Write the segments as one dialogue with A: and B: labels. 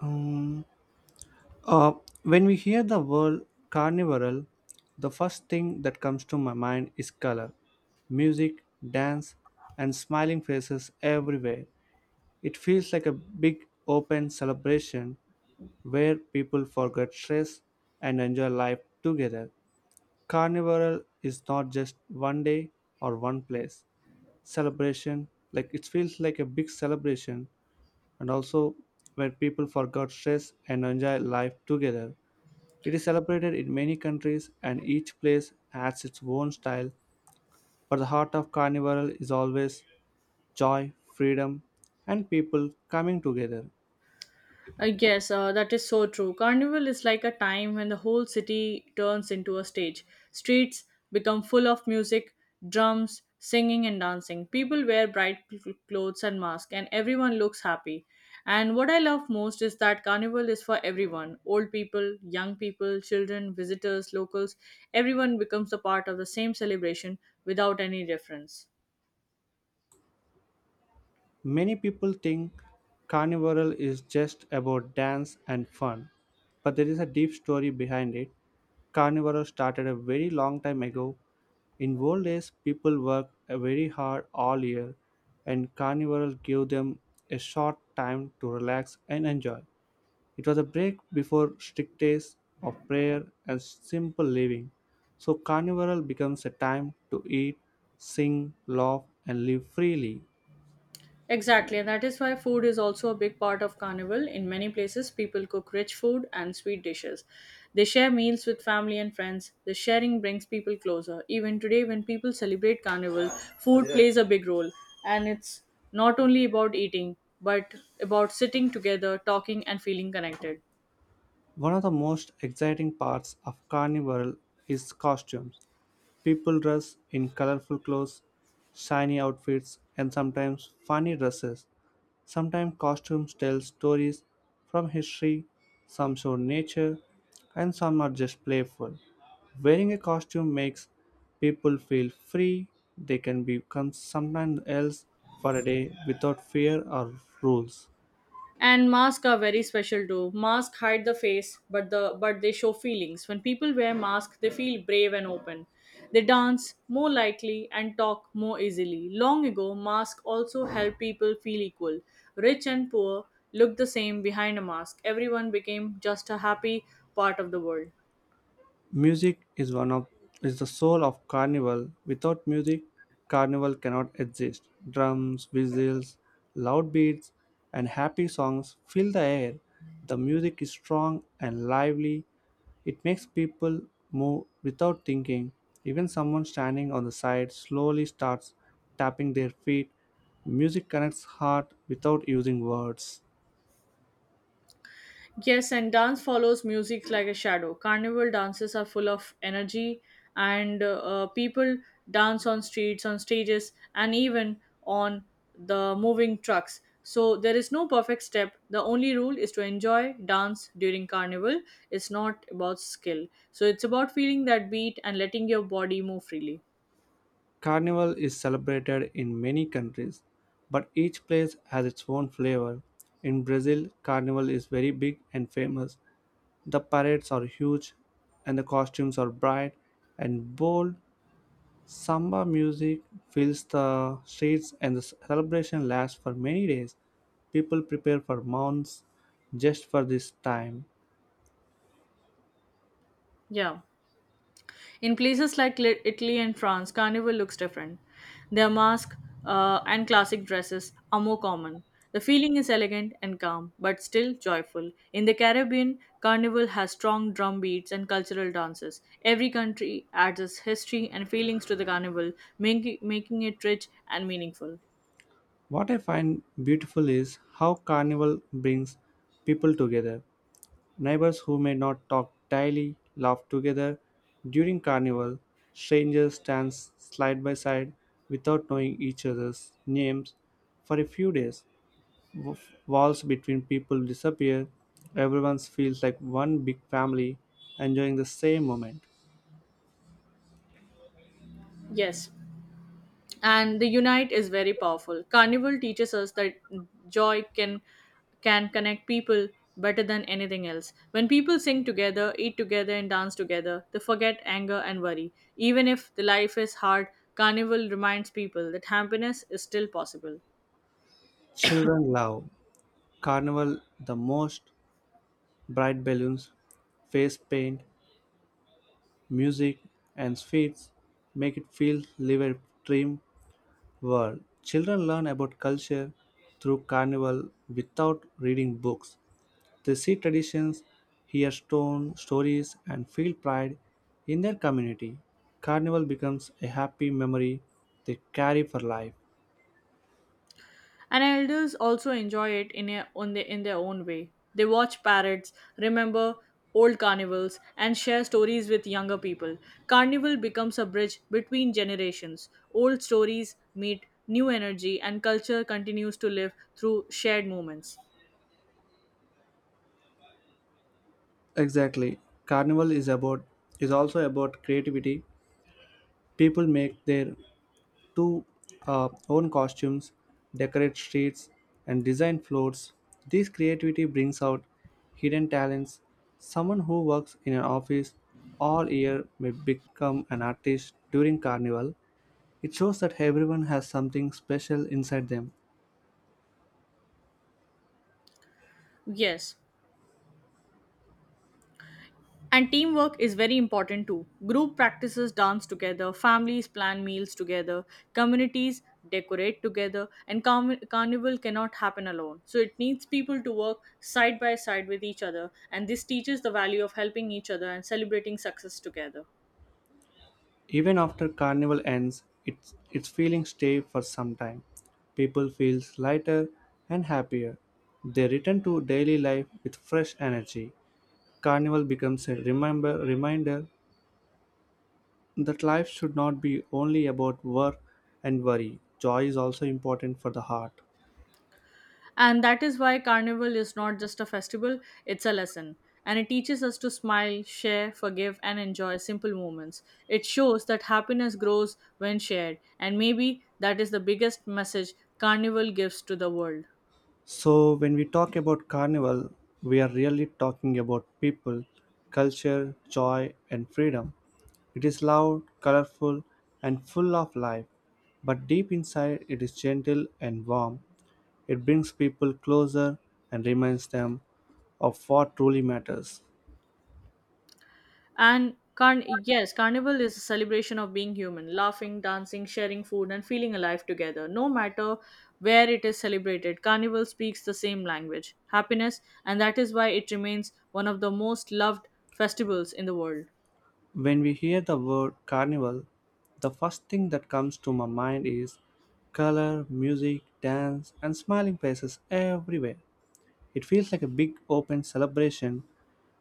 A: Um, uh, when we hear the word carnival, the first thing that comes to my mind is color, music, dance, and smiling faces everywhere. It feels like a big open celebration where people forget stress and enjoy life together. Carnival is not just one day or one place. Celebration, like it feels like a big celebration, and also where people forgot stress and enjoy life together. It is celebrated in many countries and each place adds its own style, but the heart of Carnival is always joy, freedom, and people coming together.
B: Yes, that is so true. Carnival is like a time when the whole city turns into a stage. Streets become full of music, drums, singing, and dancing. People wear bright clothes and masks, and everyone looks happy. And what I love most is that Carnival is for everyone: old people, young people, children, visitors, locals. Everyone becomes a part of the same celebration without any difference.
A: Many people think Carnival is just about dance and fun, but there is a deep story behind it. Carnival started a very long time ago. In old days, people worked very hard all year, and Carnival gave them a short time to relax and enjoy. It was a break before strict days of prayer and simple living. So carnival becomes a time to eat, sing, laugh, and live freely.
B: Exactly, and that is why food is also a big part of Carnival. In many places, people cook rich food and sweet dishes. They share meals with family and friends. The sharing brings people closer. Even today, when people celebrate Carnival, food plays a big role. And it's not only about eating, but about sitting together, talking, and feeling connected.
A: One of the most exciting parts of carnival is costumes. People dress in colorful clothes, shiny outfits, and sometimes funny dresses. Sometimes costumes tell stories from history, some show nature, and some are just playful. Wearing a costume makes people feel free. They can become someone else for a day without fear or rules.
B: And masks are very special too. Masks hide the face, but the but they show feelings. When people wear masks, they feel brave and open. They dance more likely and talk more easily. Long ago, masks also help people feel equal. Rich and poor look the same behind a mask. Everyone became just a happy part of the world.
A: Music is one of is the soul of carnival. Without music, carnival cannot exist. Drums, whistles, loud beats, and happy songs fill the air. The music is strong and lively. It makes people move without thinking. Even someone standing on the side slowly starts tapping their feet. Music connects heart without using words.
B: Yes, and dance follows music like a shadow. Carnival dances are full of energy, and people dance on streets, on stages, and even on the moving trucks. So there is no perfect step. The only rule is to enjoy dance during carnival. It's not about skill. So it's about feeling that beat and letting your body move freely.
A: Carnival is celebrated in many countries, but each place has its own flavor. In Brazil, Carnival is very big and famous. The parades are huge and the costumes are bright and bold. Samba music fills the streets and the celebration lasts for many days. People prepare for months just for this time.
B: Yeah. In places like Italy and France, carnival looks different. Their masks and classic dresses are more common. The feeling is elegant and calm, but still joyful. In the Caribbean, carnival has strong drum beats and cultural dances. Every country adds its history and feelings to the carnival, making it rich and meaningful.
A: What I find beautiful is how Carnival brings people together. Neighbors who may not talk daily laugh together during carnival. Strangers stand side by side without knowing each other's names for a few days. W- Walls between people disappear. Everyone feels like one big family enjoying the same moment.
B: Yes, and the unite is very powerful. Carnival teaches us that joy can connect people better than anything else. When people sing together, eat together, and dance together, they forget anger and worry. Even if the life is hard, carnival reminds people that happiness is still possible.
A: Children love carnival the most. Bright balloons, face paint, music, and sweets make it feel live a dream world. Children learn about culture through carnival without reading books. They see traditions, hear stone stories, and feel pride in their community. Carnival becomes a happy memory they carry for life.
B: And elders also enjoy it in their own way. They watch parrots, remember old carnivals, and share stories with younger people. Carnival becomes a bridge between generations. Old stories meet new energy, and culture continues to live through shared moments.
A: Exactly. Carnival is also about creativity. People make their to own costumes, decorate streets, and design floors. This creativity brings out hidden talents. Someone who works in an office all year may become an artist during carnival. It shows that everyone has something special inside them.
B: Yes, and teamwork is very important too. Group practices dance together, families plan meals together, communities decorate together, and carnival cannot happen alone. So it needs people to work side by side with each other, and this teaches the value of helping each other and celebrating success together.
A: Even after carnival ends, its feelings stay for some time. People feel lighter and happier. They return to daily life with fresh energy. Carnival becomes a reminder that life should not be only about work and worry. Joy is also important for the heart.
B: And that is why Carnival is not just a festival, it's a lesson. And it teaches us to smile, share, forgive, and enjoy simple moments. It shows that happiness grows when shared, and maybe that is the biggest message Carnival gives to the world.
A: So, when we talk about Carnival, we are really talking about people, culture, joy, and freedom. It is loud, colorful, and full of life, but deep inside it is gentle and warm. It brings people closer and reminds them of what truly matters.
B: Carnival is a celebration of being human, laughing, dancing, sharing food, and feeling alive together. No matter where it is celebrated, carnival speaks the same language: happiness, and that is why it remains one of the most loved festivals in the world.
A: When we hear the word carnival, the first thing that comes to my mind is color, music, dance, and smiling faces everywhere. It feels like a big open celebration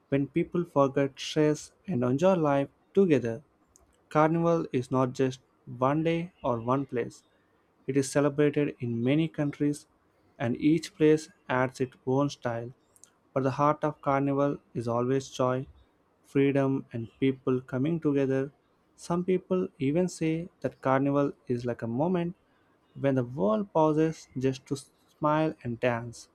A: when people forget stress and enjoy life together. Carnival is not just one day or one place, it is celebrated in many countries and each place adds its own style, but the heart of Carnival is always joy, freedom, and people coming together. Some people even say that Carnival is like a moment when the world pauses just to smile and dance.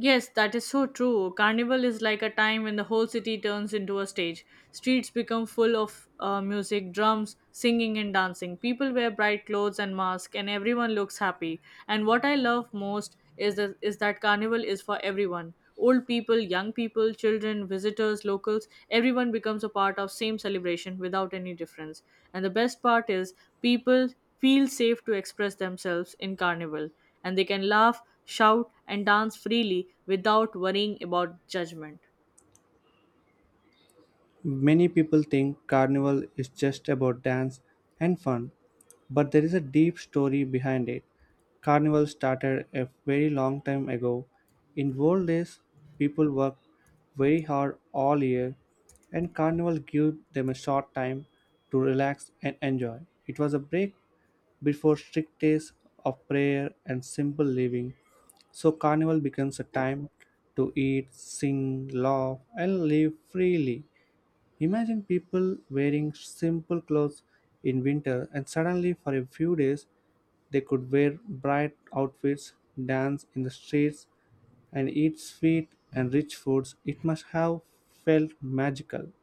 B: Yes, that is so true. Carnival is like a time when the whole city turns into a stage. Streets become full of music, drums, singing, and dancing. People wear bright clothes and masks, and everyone looks happy. And what I love most is, is that carnival is for everyone. Old people, young people, children, visitors, locals, everyone becomes a part of same celebration without any difference. And the best part is people feel safe to express themselves in carnival, and they can laugh, shout, and dance freely without worrying about judgment.
A: Many people think Carnival is just about dance and fun, but there is a deep story behind it. Carnival started a very long time ago. In old days, people worked very hard all year, and Carnival gave them a short time to relax and enjoy. It was a break before strict days of prayer and simple living. So, Carnival becomes a time to eat, sing, laugh, and live freely. Imagine people wearing simple clothes in winter and suddenly for a few days they could wear bright outfits, dance in the streets, and eat sweet and rich foods. It must have felt magical.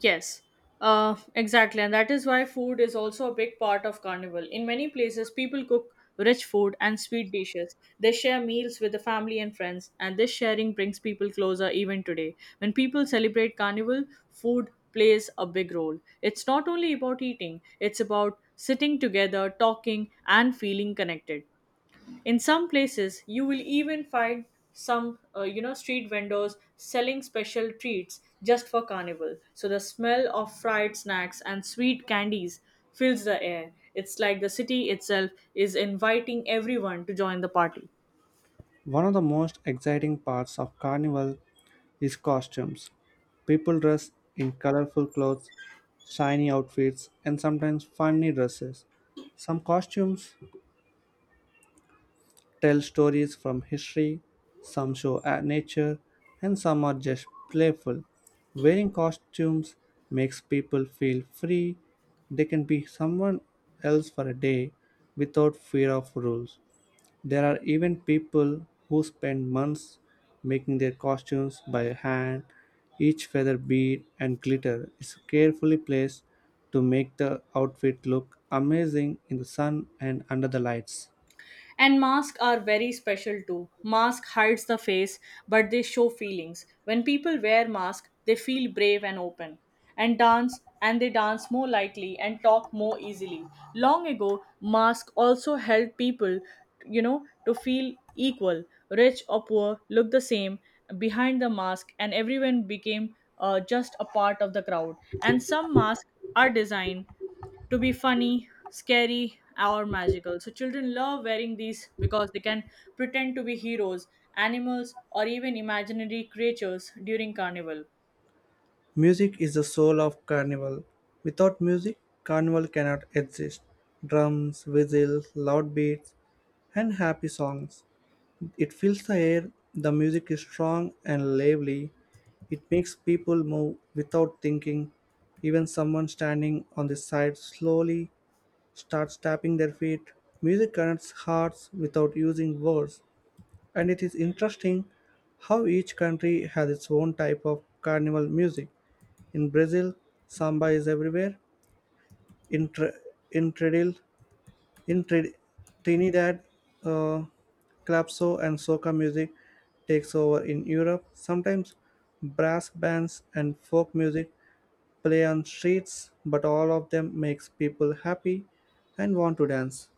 B: Yes, exactly. And that is why food is also a big part of Carnival. In many places, people cook rich food and sweet dishes. They share meals with the family and friends, and this sharing brings people closer even today. When people celebrate Carnival, food plays a big role. It's not only about eating, it's about sitting together, talking, and feeling connected. In some places, you will even find street vendors selling special treats just for carnival. So the smell of fried snacks and sweet candies fills the air. It's like the city itself is inviting everyone to join the party.
A: One of the most exciting parts of Carnival is costumes. People dress in colorful clothes, shiny outfits, and sometimes funny dresses. Some costumes tell stories from history, some show at nature, and some are just playful. Wearing costumes makes people feel free. They can be someone else for a day without fear of rules. There are even people who spend months making their costumes by hand. Each feather bead and glitter is carefully placed to make the outfit look amazing in the sun and under the lights.
B: And masks are very special too. Mask hides the face, but they show feelings. When people wear masks, they feel brave and open, and they dance more lightly and talk more easily. Long ago, masks also helped people, to feel equal. Rich or poor look the same behind the mask, and everyone became just a part of the crowd. And some masks are designed to be funny, scary, or magical. So children love wearing these because they can pretend to be heroes, animals, or even imaginary creatures during carnival.
A: Music is the soul of Carnival. Without music, Carnival cannot exist. Drums, whistles, loud beats, and happy songs. It fills the air, the music is strong and lively. It makes people move without thinking. Even someone standing on the side slowly starts tapping their feet. Music connects hearts without using words, and it is interesting how each country has its own type of carnival music. In Brazil, samba is everywhere. In, Tr- in, Trinidad- in Trinidad, uh, calypso and soca music takes over in Europe. Sometimes brass bands and folk music play on streets, but all of them makes people happy and want to dance.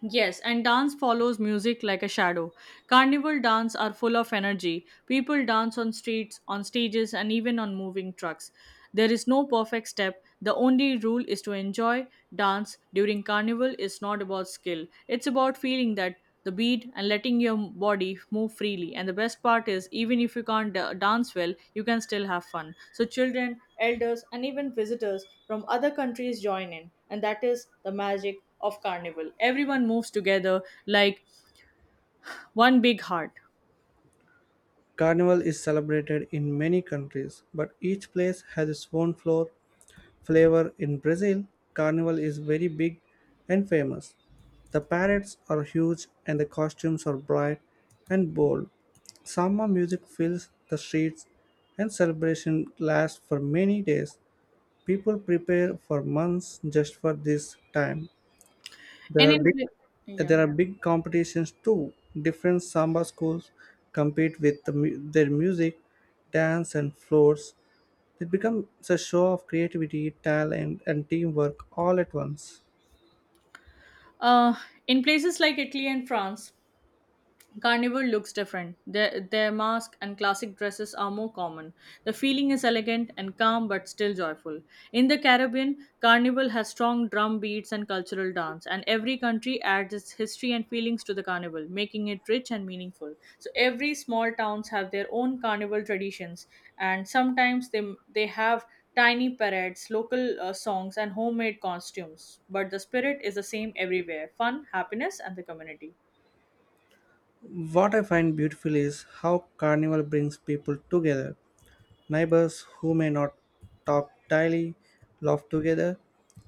B: Yes, and dance follows music like a shadow. Carnival dance are full of energy. People dance on streets, on stages, and even on moving trucks. There is no perfect step. The only rule is to enjoy dance during carnival. Is not about skill. It's about feeling that the beat and letting your body move freely. And the best part is, even if you can't dance well, you can still have fun. So children, elders, and even visitors from other countries join in, and that is the magic of carnival. Everyone moves together like one big heart.
A: Carnival is celebrated in many countries, but each place has its own floor flavor in Brazil, Carnival is very big and famous. The parades are huge and the costumes are bright and bold. Samba music fills the streets and celebration lasts for many days. People prepare for months just for this time. There
B: And
A: are
B: in
A: big
B: yeah
A: there are big competitions too. Different samba schools compete with their music, dance and floors. It becomes a show of creativity, talent, and teamwork all at once.
B: uh, in places like Italy and France, Carnival looks different. Their masks and classic dresses are more common. The feeling is elegant and calm but still joyful. In the Caribbean, Carnival has strong drum beats and cultural dance, and every country adds its history and feelings to the Carnival, making it rich and meaningful. So every small towns have their own Carnival traditions, and sometimes they have tiny parades, local songs, and homemade costumes. But the spirit is the same everywhere: fun, happiness, and the community.
A: What I find beautiful is how Carnival brings people together. Neighbors who may not talk daily laugh together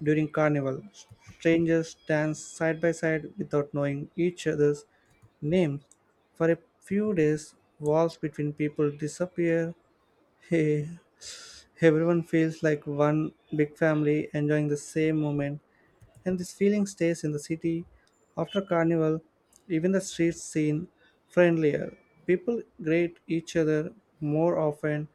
A: during Carnival. Strangers dance side by side without knowing each other's names. For a few days, walls between people disappear. Everyone feels like one big family enjoying the same moment. And this feeling stays in the city. After Carnival, even the streets seem friendlier. People greet each other more often,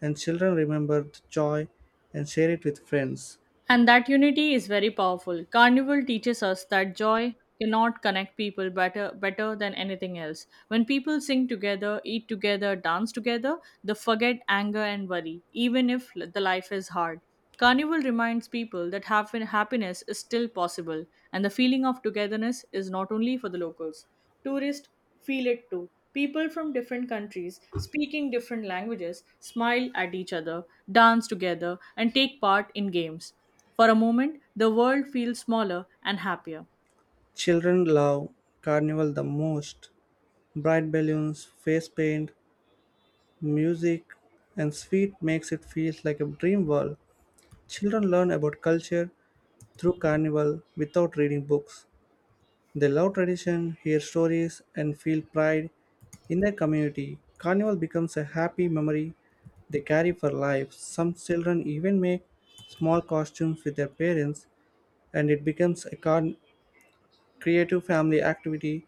A: and children remember the joy and share it with friends.
B: And that unity is very powerful. Carnival teaches us that joy cannot connect people better than anything else. When people sing together, eat together, dance together, they forget anger and worry, even if the life is hard. Carnival reminds people that happiness is still possible, and the feeling of togetherness is not only for the locals. Tourists feel it too. People from different countries, speaking different languages, smile at each other, dance together, and take part in games. For a moment, the world feels smaller and happier.
A: Children love Carnival the most. Bright balloons, face paint, music, and sweet makes it feel like a dream world. Children learn about culture through Carnival without reading books. They love tradition, hear stories, and feel pride in their community. Carnival becomes a happy memory they carry for life. Some children even make small costumes with their parents, and it becomes a creative family activity.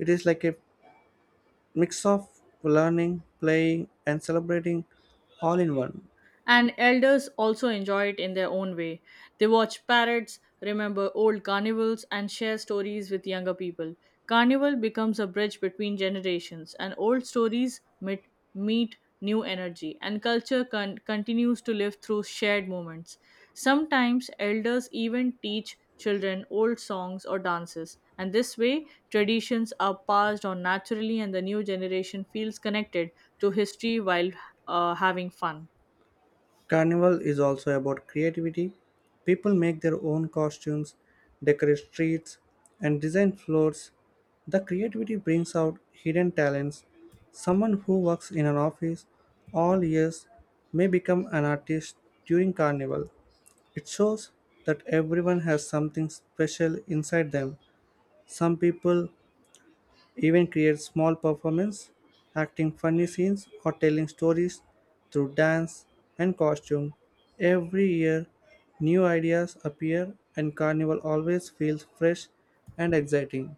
A: It is like a mix of learning, playing, and celebrating all in one.
B: And elders also enjoy it in their own way. They watch parrots, remember old carnivals, and share stories with younger people. Carnival becomes a bridge between generations, and old stories meet new energy, and culture continues to live through shared moments. Sometimes elders even teach children old songs or dances, and this way, traditions are passed on naturally, and the new generation feels connected to history while having fun.
A: Carnival is also about creativity. People make their own costumes, decorate streets, and design floors. The creativity brings out hidden talents. Someone who works in an office all years may become an artist during Carnival. It shows that everyone has something special inside them. Some people even create small performances, acting funny scenes or telling stories through dance and costume. Every year, new ideas appear, and Carnival always feels fresh and exciting.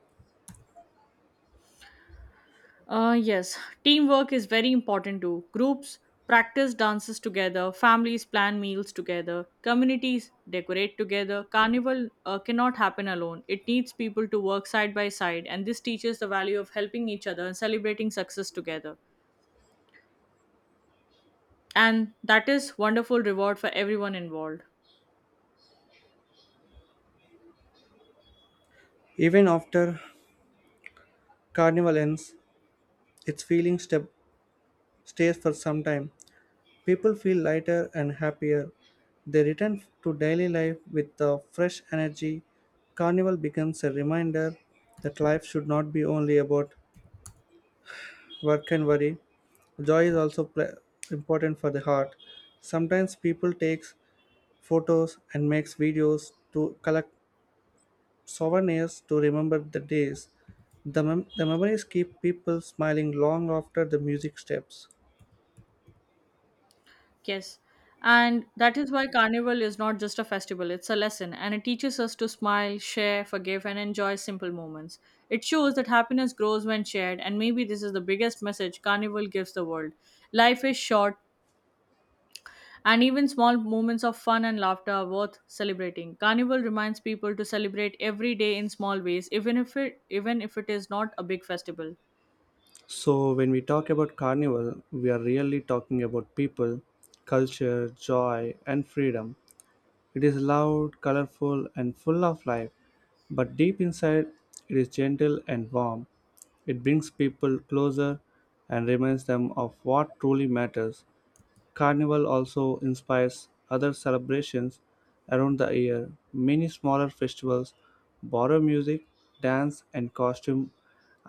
B: Yes, teamwork is very important too. Groups practice dances together, families plan meals together, communities decorate together. Carnival cannot happen alone. It needs people to work side by side, and this teaches the value of helping each other and celebrating success together. And that is wonderful reward for everyone involved.
A: Even after Carnival ends, its stays for some time. People feel lighter and happier. They return to daily life with a fresh energy. Carnival becomes a reminder that life should not be only about work and worry. Joy is also important for the heart. Sometimes people takes photos and makes videos to collect souvenirs to remember the days. The memories keep people smiling long after the music steps.
B: Yes. And that is why Carnival is not just a festival, it's a lesson, and it teaches us to smile, share, forgive, and enjoy simple moments. It shows that happiness grows when shared, and maybe this is the biggest message Carnival gives the world. Life is short, and even small moments of fun and laughter are worth celebrating. Carnival reminds people to celebrate every day in small ways, even if it is not a big festival.
A: So when we talk about carnival, we are really talking about people, culture, joy and freedom. It is loud, colorful, and full of life, but deep inside, it is gentle and warm. It brings people closer and reminds them of what truly matters. Carnival also inspires other celebrations around the year. Many smaller festivals borrow music, dance, and costume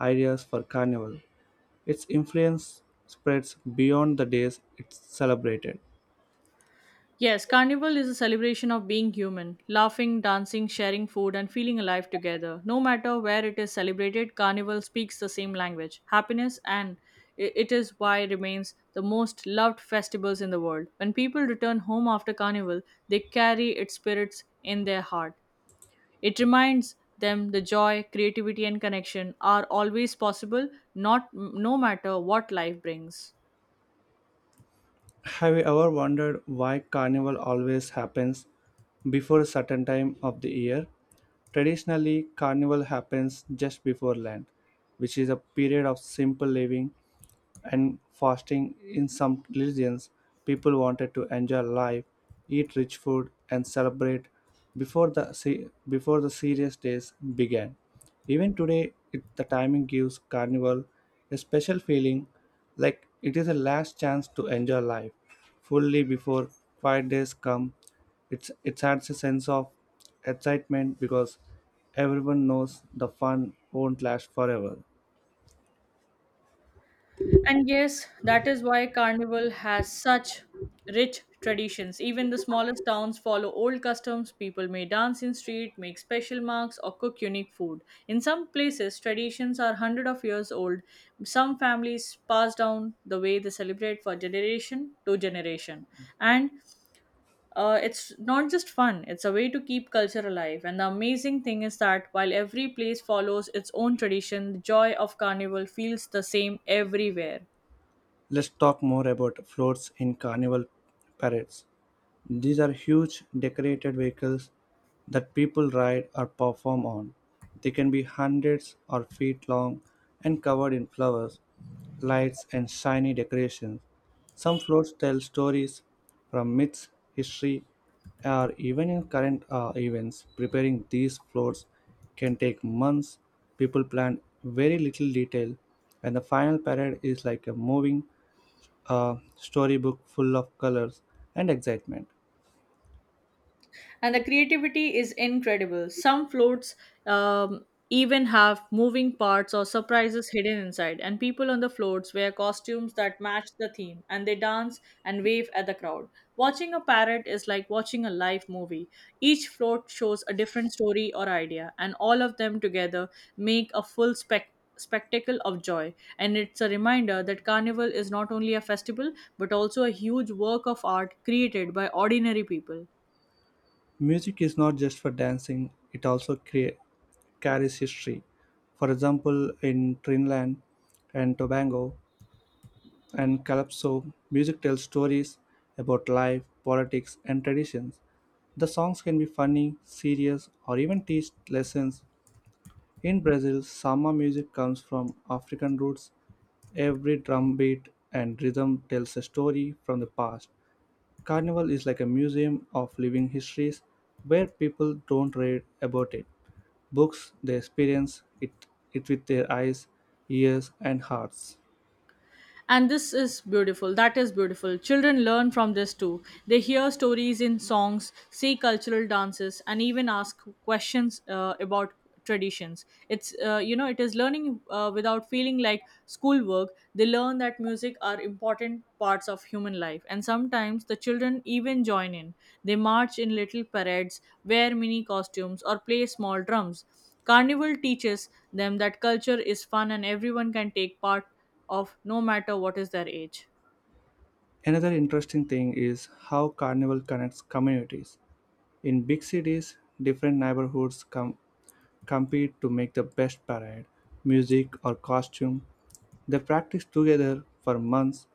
A: ideas for Carnival. Its influence spreads beyond the days it's celebrated.
B: Yes, Carnival is a celebration of being human, laughing, dancing, sharing food, and feeling alive together. No matter where it is celebrated, Carnival speaks the same language: happiness, and it is why it remains the most loved festivals in the world. When people return home after Carnival, they carry its spirits in their heart. It reminds them the joy, creativity, and connection are always possible, not no matter what life brings.
A: Have you ever wondered why carnival always happens before a certain time of the year? Traditionally, carnival happens just before Lent, which is a period of simple living and fasting. In some religions, people wanted to enjoy life, eat rich food, and celebrate before before the serious days began. Even today, the timing gives carnival a special feeling, like it is a last chance to enjoy life fully before quiet days come. It adds a sense of excitement because everyone knows the fun won't last forever.
B: And yes, that is why Carnival has such rich traditions. Even the smallest towns follow old customs. People may dance in street, make special marks, or cook unique food. In some places, traditions are hundred of years old. Some families pass down the way they celebrate for generation to generation. And it's not just fun, it's a way to keep culture alive. And the amazing thing is that while every place follows its own tradition, the joy of Carnival feels the same everywhere.
A: Let's talk more about floats in carnival parades. These are huge decorated vehicles that people ride or perform on. They can be hundreds or feet long and covered in flowers, lights, and shiny decorations. Some floats tell stories from myths, history, or even in current events. Preparing these floats can take months. People plan very little detail, and the final parade is like a moving storybook full of colors and excitement.
B: And the creativity is incredible. Some floats even have moving parts or surprises hidden inside, and people on the floats wear costumes that match the theme and they dance and wave at the crowd. Watching a parrot is like watching a live movie. Each float shows a different story or idea, and all of them together make a full spectacle of joy. And it's a reminder that Carnival is not only a festival but also a huge work of art created by ordinary people.
A: Music is not just for dancing, it also carries history. For example, in Trinidad and Tobago and Calypso, music tells stories about life, politics, and traditions. The songs can be funny, serious, or even teach lessons. In Brazil, samba music comes from African roots. Every drum beat and rhythm tells a story from the past. Carnival is like a museum of living histories where people don't read about it. Books, they experience it, it with their eyes, ears, and hearts.
B: And this is beautiful. That is beautiful. Children learn from this too. They hear stories in songs, see cultural dances, and even ask questions about traditions. It's it is learning without feeling like schoolwork. They learn that music are important parts of human life, and sometimes the children even join in. They march in little parades, wear mini costumes, or play small drums. Carnival teaches them that culture is fun and everyone can take part of no matter what is their age.
A: Another interesting thing is how Carnival connects communities. In big cities, different neighborhoods compete to make the best parade, music, or costume. They practice together for months,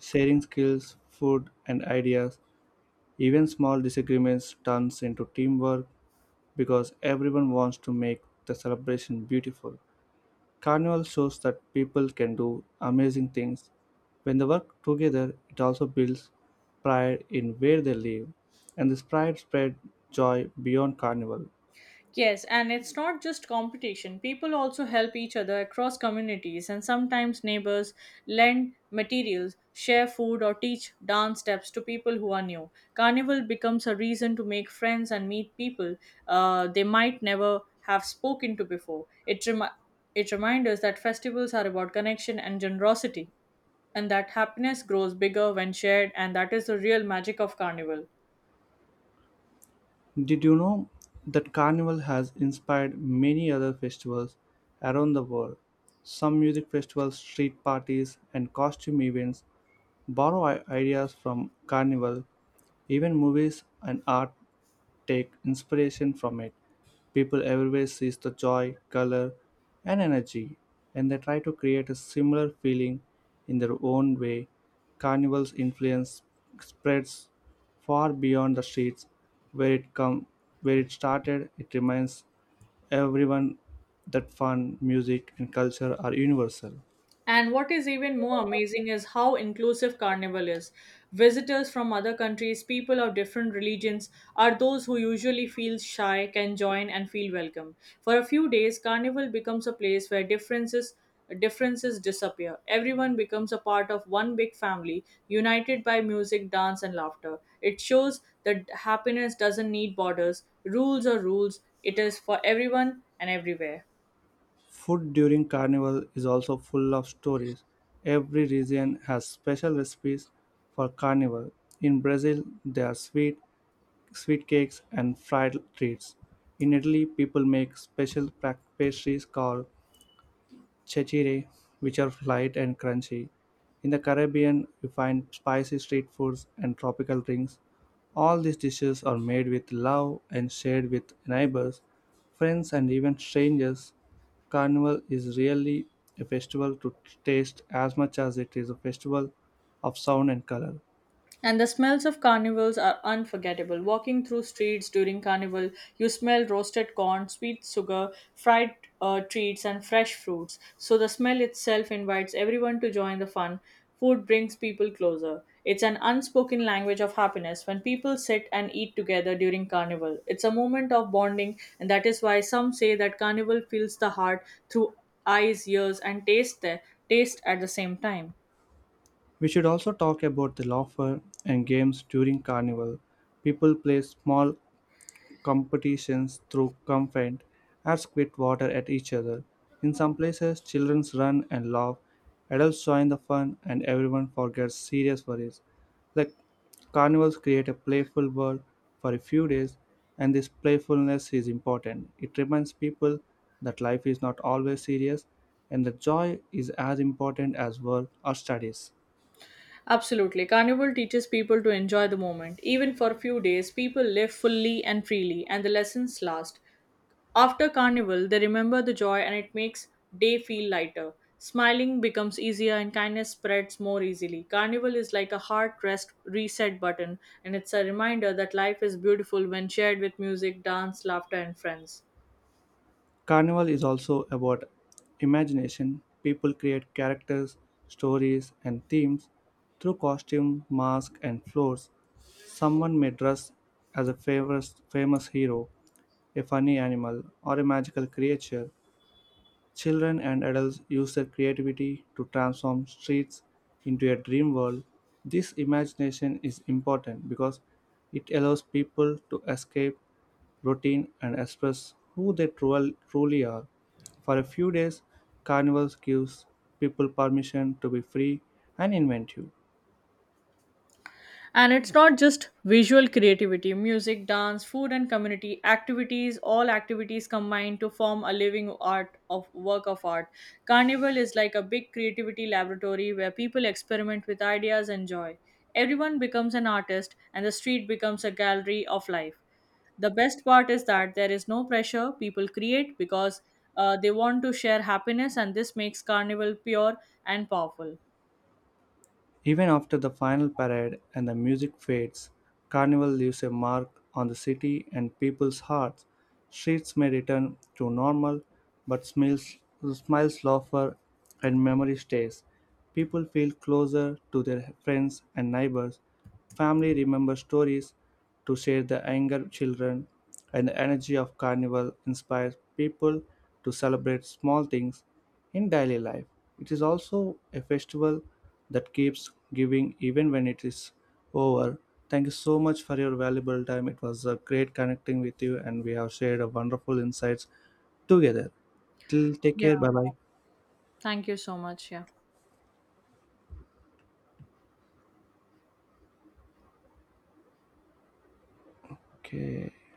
A: sharing skills, food, and ideas. Even small disagreements turns into teamwork because everyone wants to make the celebration beautiful. Carnival shows that people can do amazing things. When they work together, it also builds pride in where they live, and this pride spread joy beyond Carnival.
B: Yes, and it's not just competition. People also help each other across communities, and sometimes neighbors lend materials, share food, or teach dance steps to people who are new. Carnival becomes a reason to make friends and meet people they might never have spoken to before. It it reminds us that festivals are about connection and generosity, and that happiness grows bigger when shared, and that is the real magic of Carnival.
A: Did you know that Carnival has inspired many other festivals around the world? Some music festivals, street parties, and costume events borrow ideas from Carnival. Even movies and art take inspiration from it. People everywhere sees the joy, color, and energy, and they try to create a similar feeling in their own way. Carnival's influence spreads far beyond the streets where it come where it started. It reminds everyone that fun, music, and culture are universal.
B: And what is even more amazing is how inclusive Carnival is. Visitors from other countries, people of different religions, are those who usually feel shy, can join and feel welcome. For a few days, Carnival becomes a place where differences disappear. Everyone becomes a part of one big family, united by music, dance and laughter. It shows that happiness doesn't need borders, rules or rules. It is for everyone and everywhere.
A: Food during Carnival is also full of stories. Every region has special recipes for Carnival. In Brazil, there are sweet cakes and fried treats. In Italy, people make special pastries called chechiri, which are light and crunchy. In the Caribbean, you find spicy street foods and tropical drinks. All these dishes are made with love and shared with neighbors, friends, and even strangers. Carnival is really a festival to taste as much as it is a festival of sound and color.
B: And the smells of carnivals are unforgettable. Walking through streets during carnival, you smell roasted corn, sweet sugar, fried treats, and fresh fruits. So the smell itself invites everyone to join the fun. Food brings people closer. It's an unspoken language of happiness when people sit and eat together during carnival. It's a moment of bonding, and that is why some say that carnival fills the heart through eyes, ears, and taste at the same time.
A: We should also talk about the laughter and games during Carnival. People play small competitions through confent or spit water at each other. In some places, children run and laugh, adults join the fun, and everyone forgets serious worries. The carnivals create a playful world for a few days, and this playfulness is important. It reminds people that life is not always serious and that joy is as important as work or studies.
B: Absolutely. Carnival teaches people to enjoy the moment. Even for a few days, people live fully and freely, and the lessons last. After Carnival, they remember the joy and it makes day feel lighter. Smiling becomes easier and kindness spreads more easily. Carnival is like a heart rest reset button, and it's a reminder that life is beautiful when shared with music, dance, laughter, and friends.
A: Carnival is also about imagination. People create characters, stories, and themes through costume, masks, and floors. Someone may dress as a famous hero, a funny animal, or a magical creature. Children and adults use their creativity to transform streets into a dream world. This imagination is important because it allows people to escape routine and express who they truly are. For a few days, Carnival gives people permission to be free and inventive.
B: And it's not just visual creativity, music, dance, food, and community activities, all activities combine to form a living art of work of art. Carnival is like a big creativity laboratory where people experiment with ideas and joy. Everyone becomes an artist, and the street becomes a gallery of life. The best part is that there is no pressure, people create because they want to share happiness, and this makes Carnival pure and powerful.
A: Even after the final parade and the music fades, Carnival leaves a mark on the city and people's hearts. Streets may return to normal, but smiles, laughter, and memory stays. People feel closer to their friends and neighbors. Family remembers stories to share the anger of children, and the energy of carnival inspires people to celebrate small things in daily life. It is also a festival that keeps giving even when it is over. Thank you so much for your valuable time. It was a great connecting with you, and we have shared a wonderful insights together. Till, take
B: Yeah.
A: care, bye bye.
B: Thank you so much. Yeah.
A: Okay.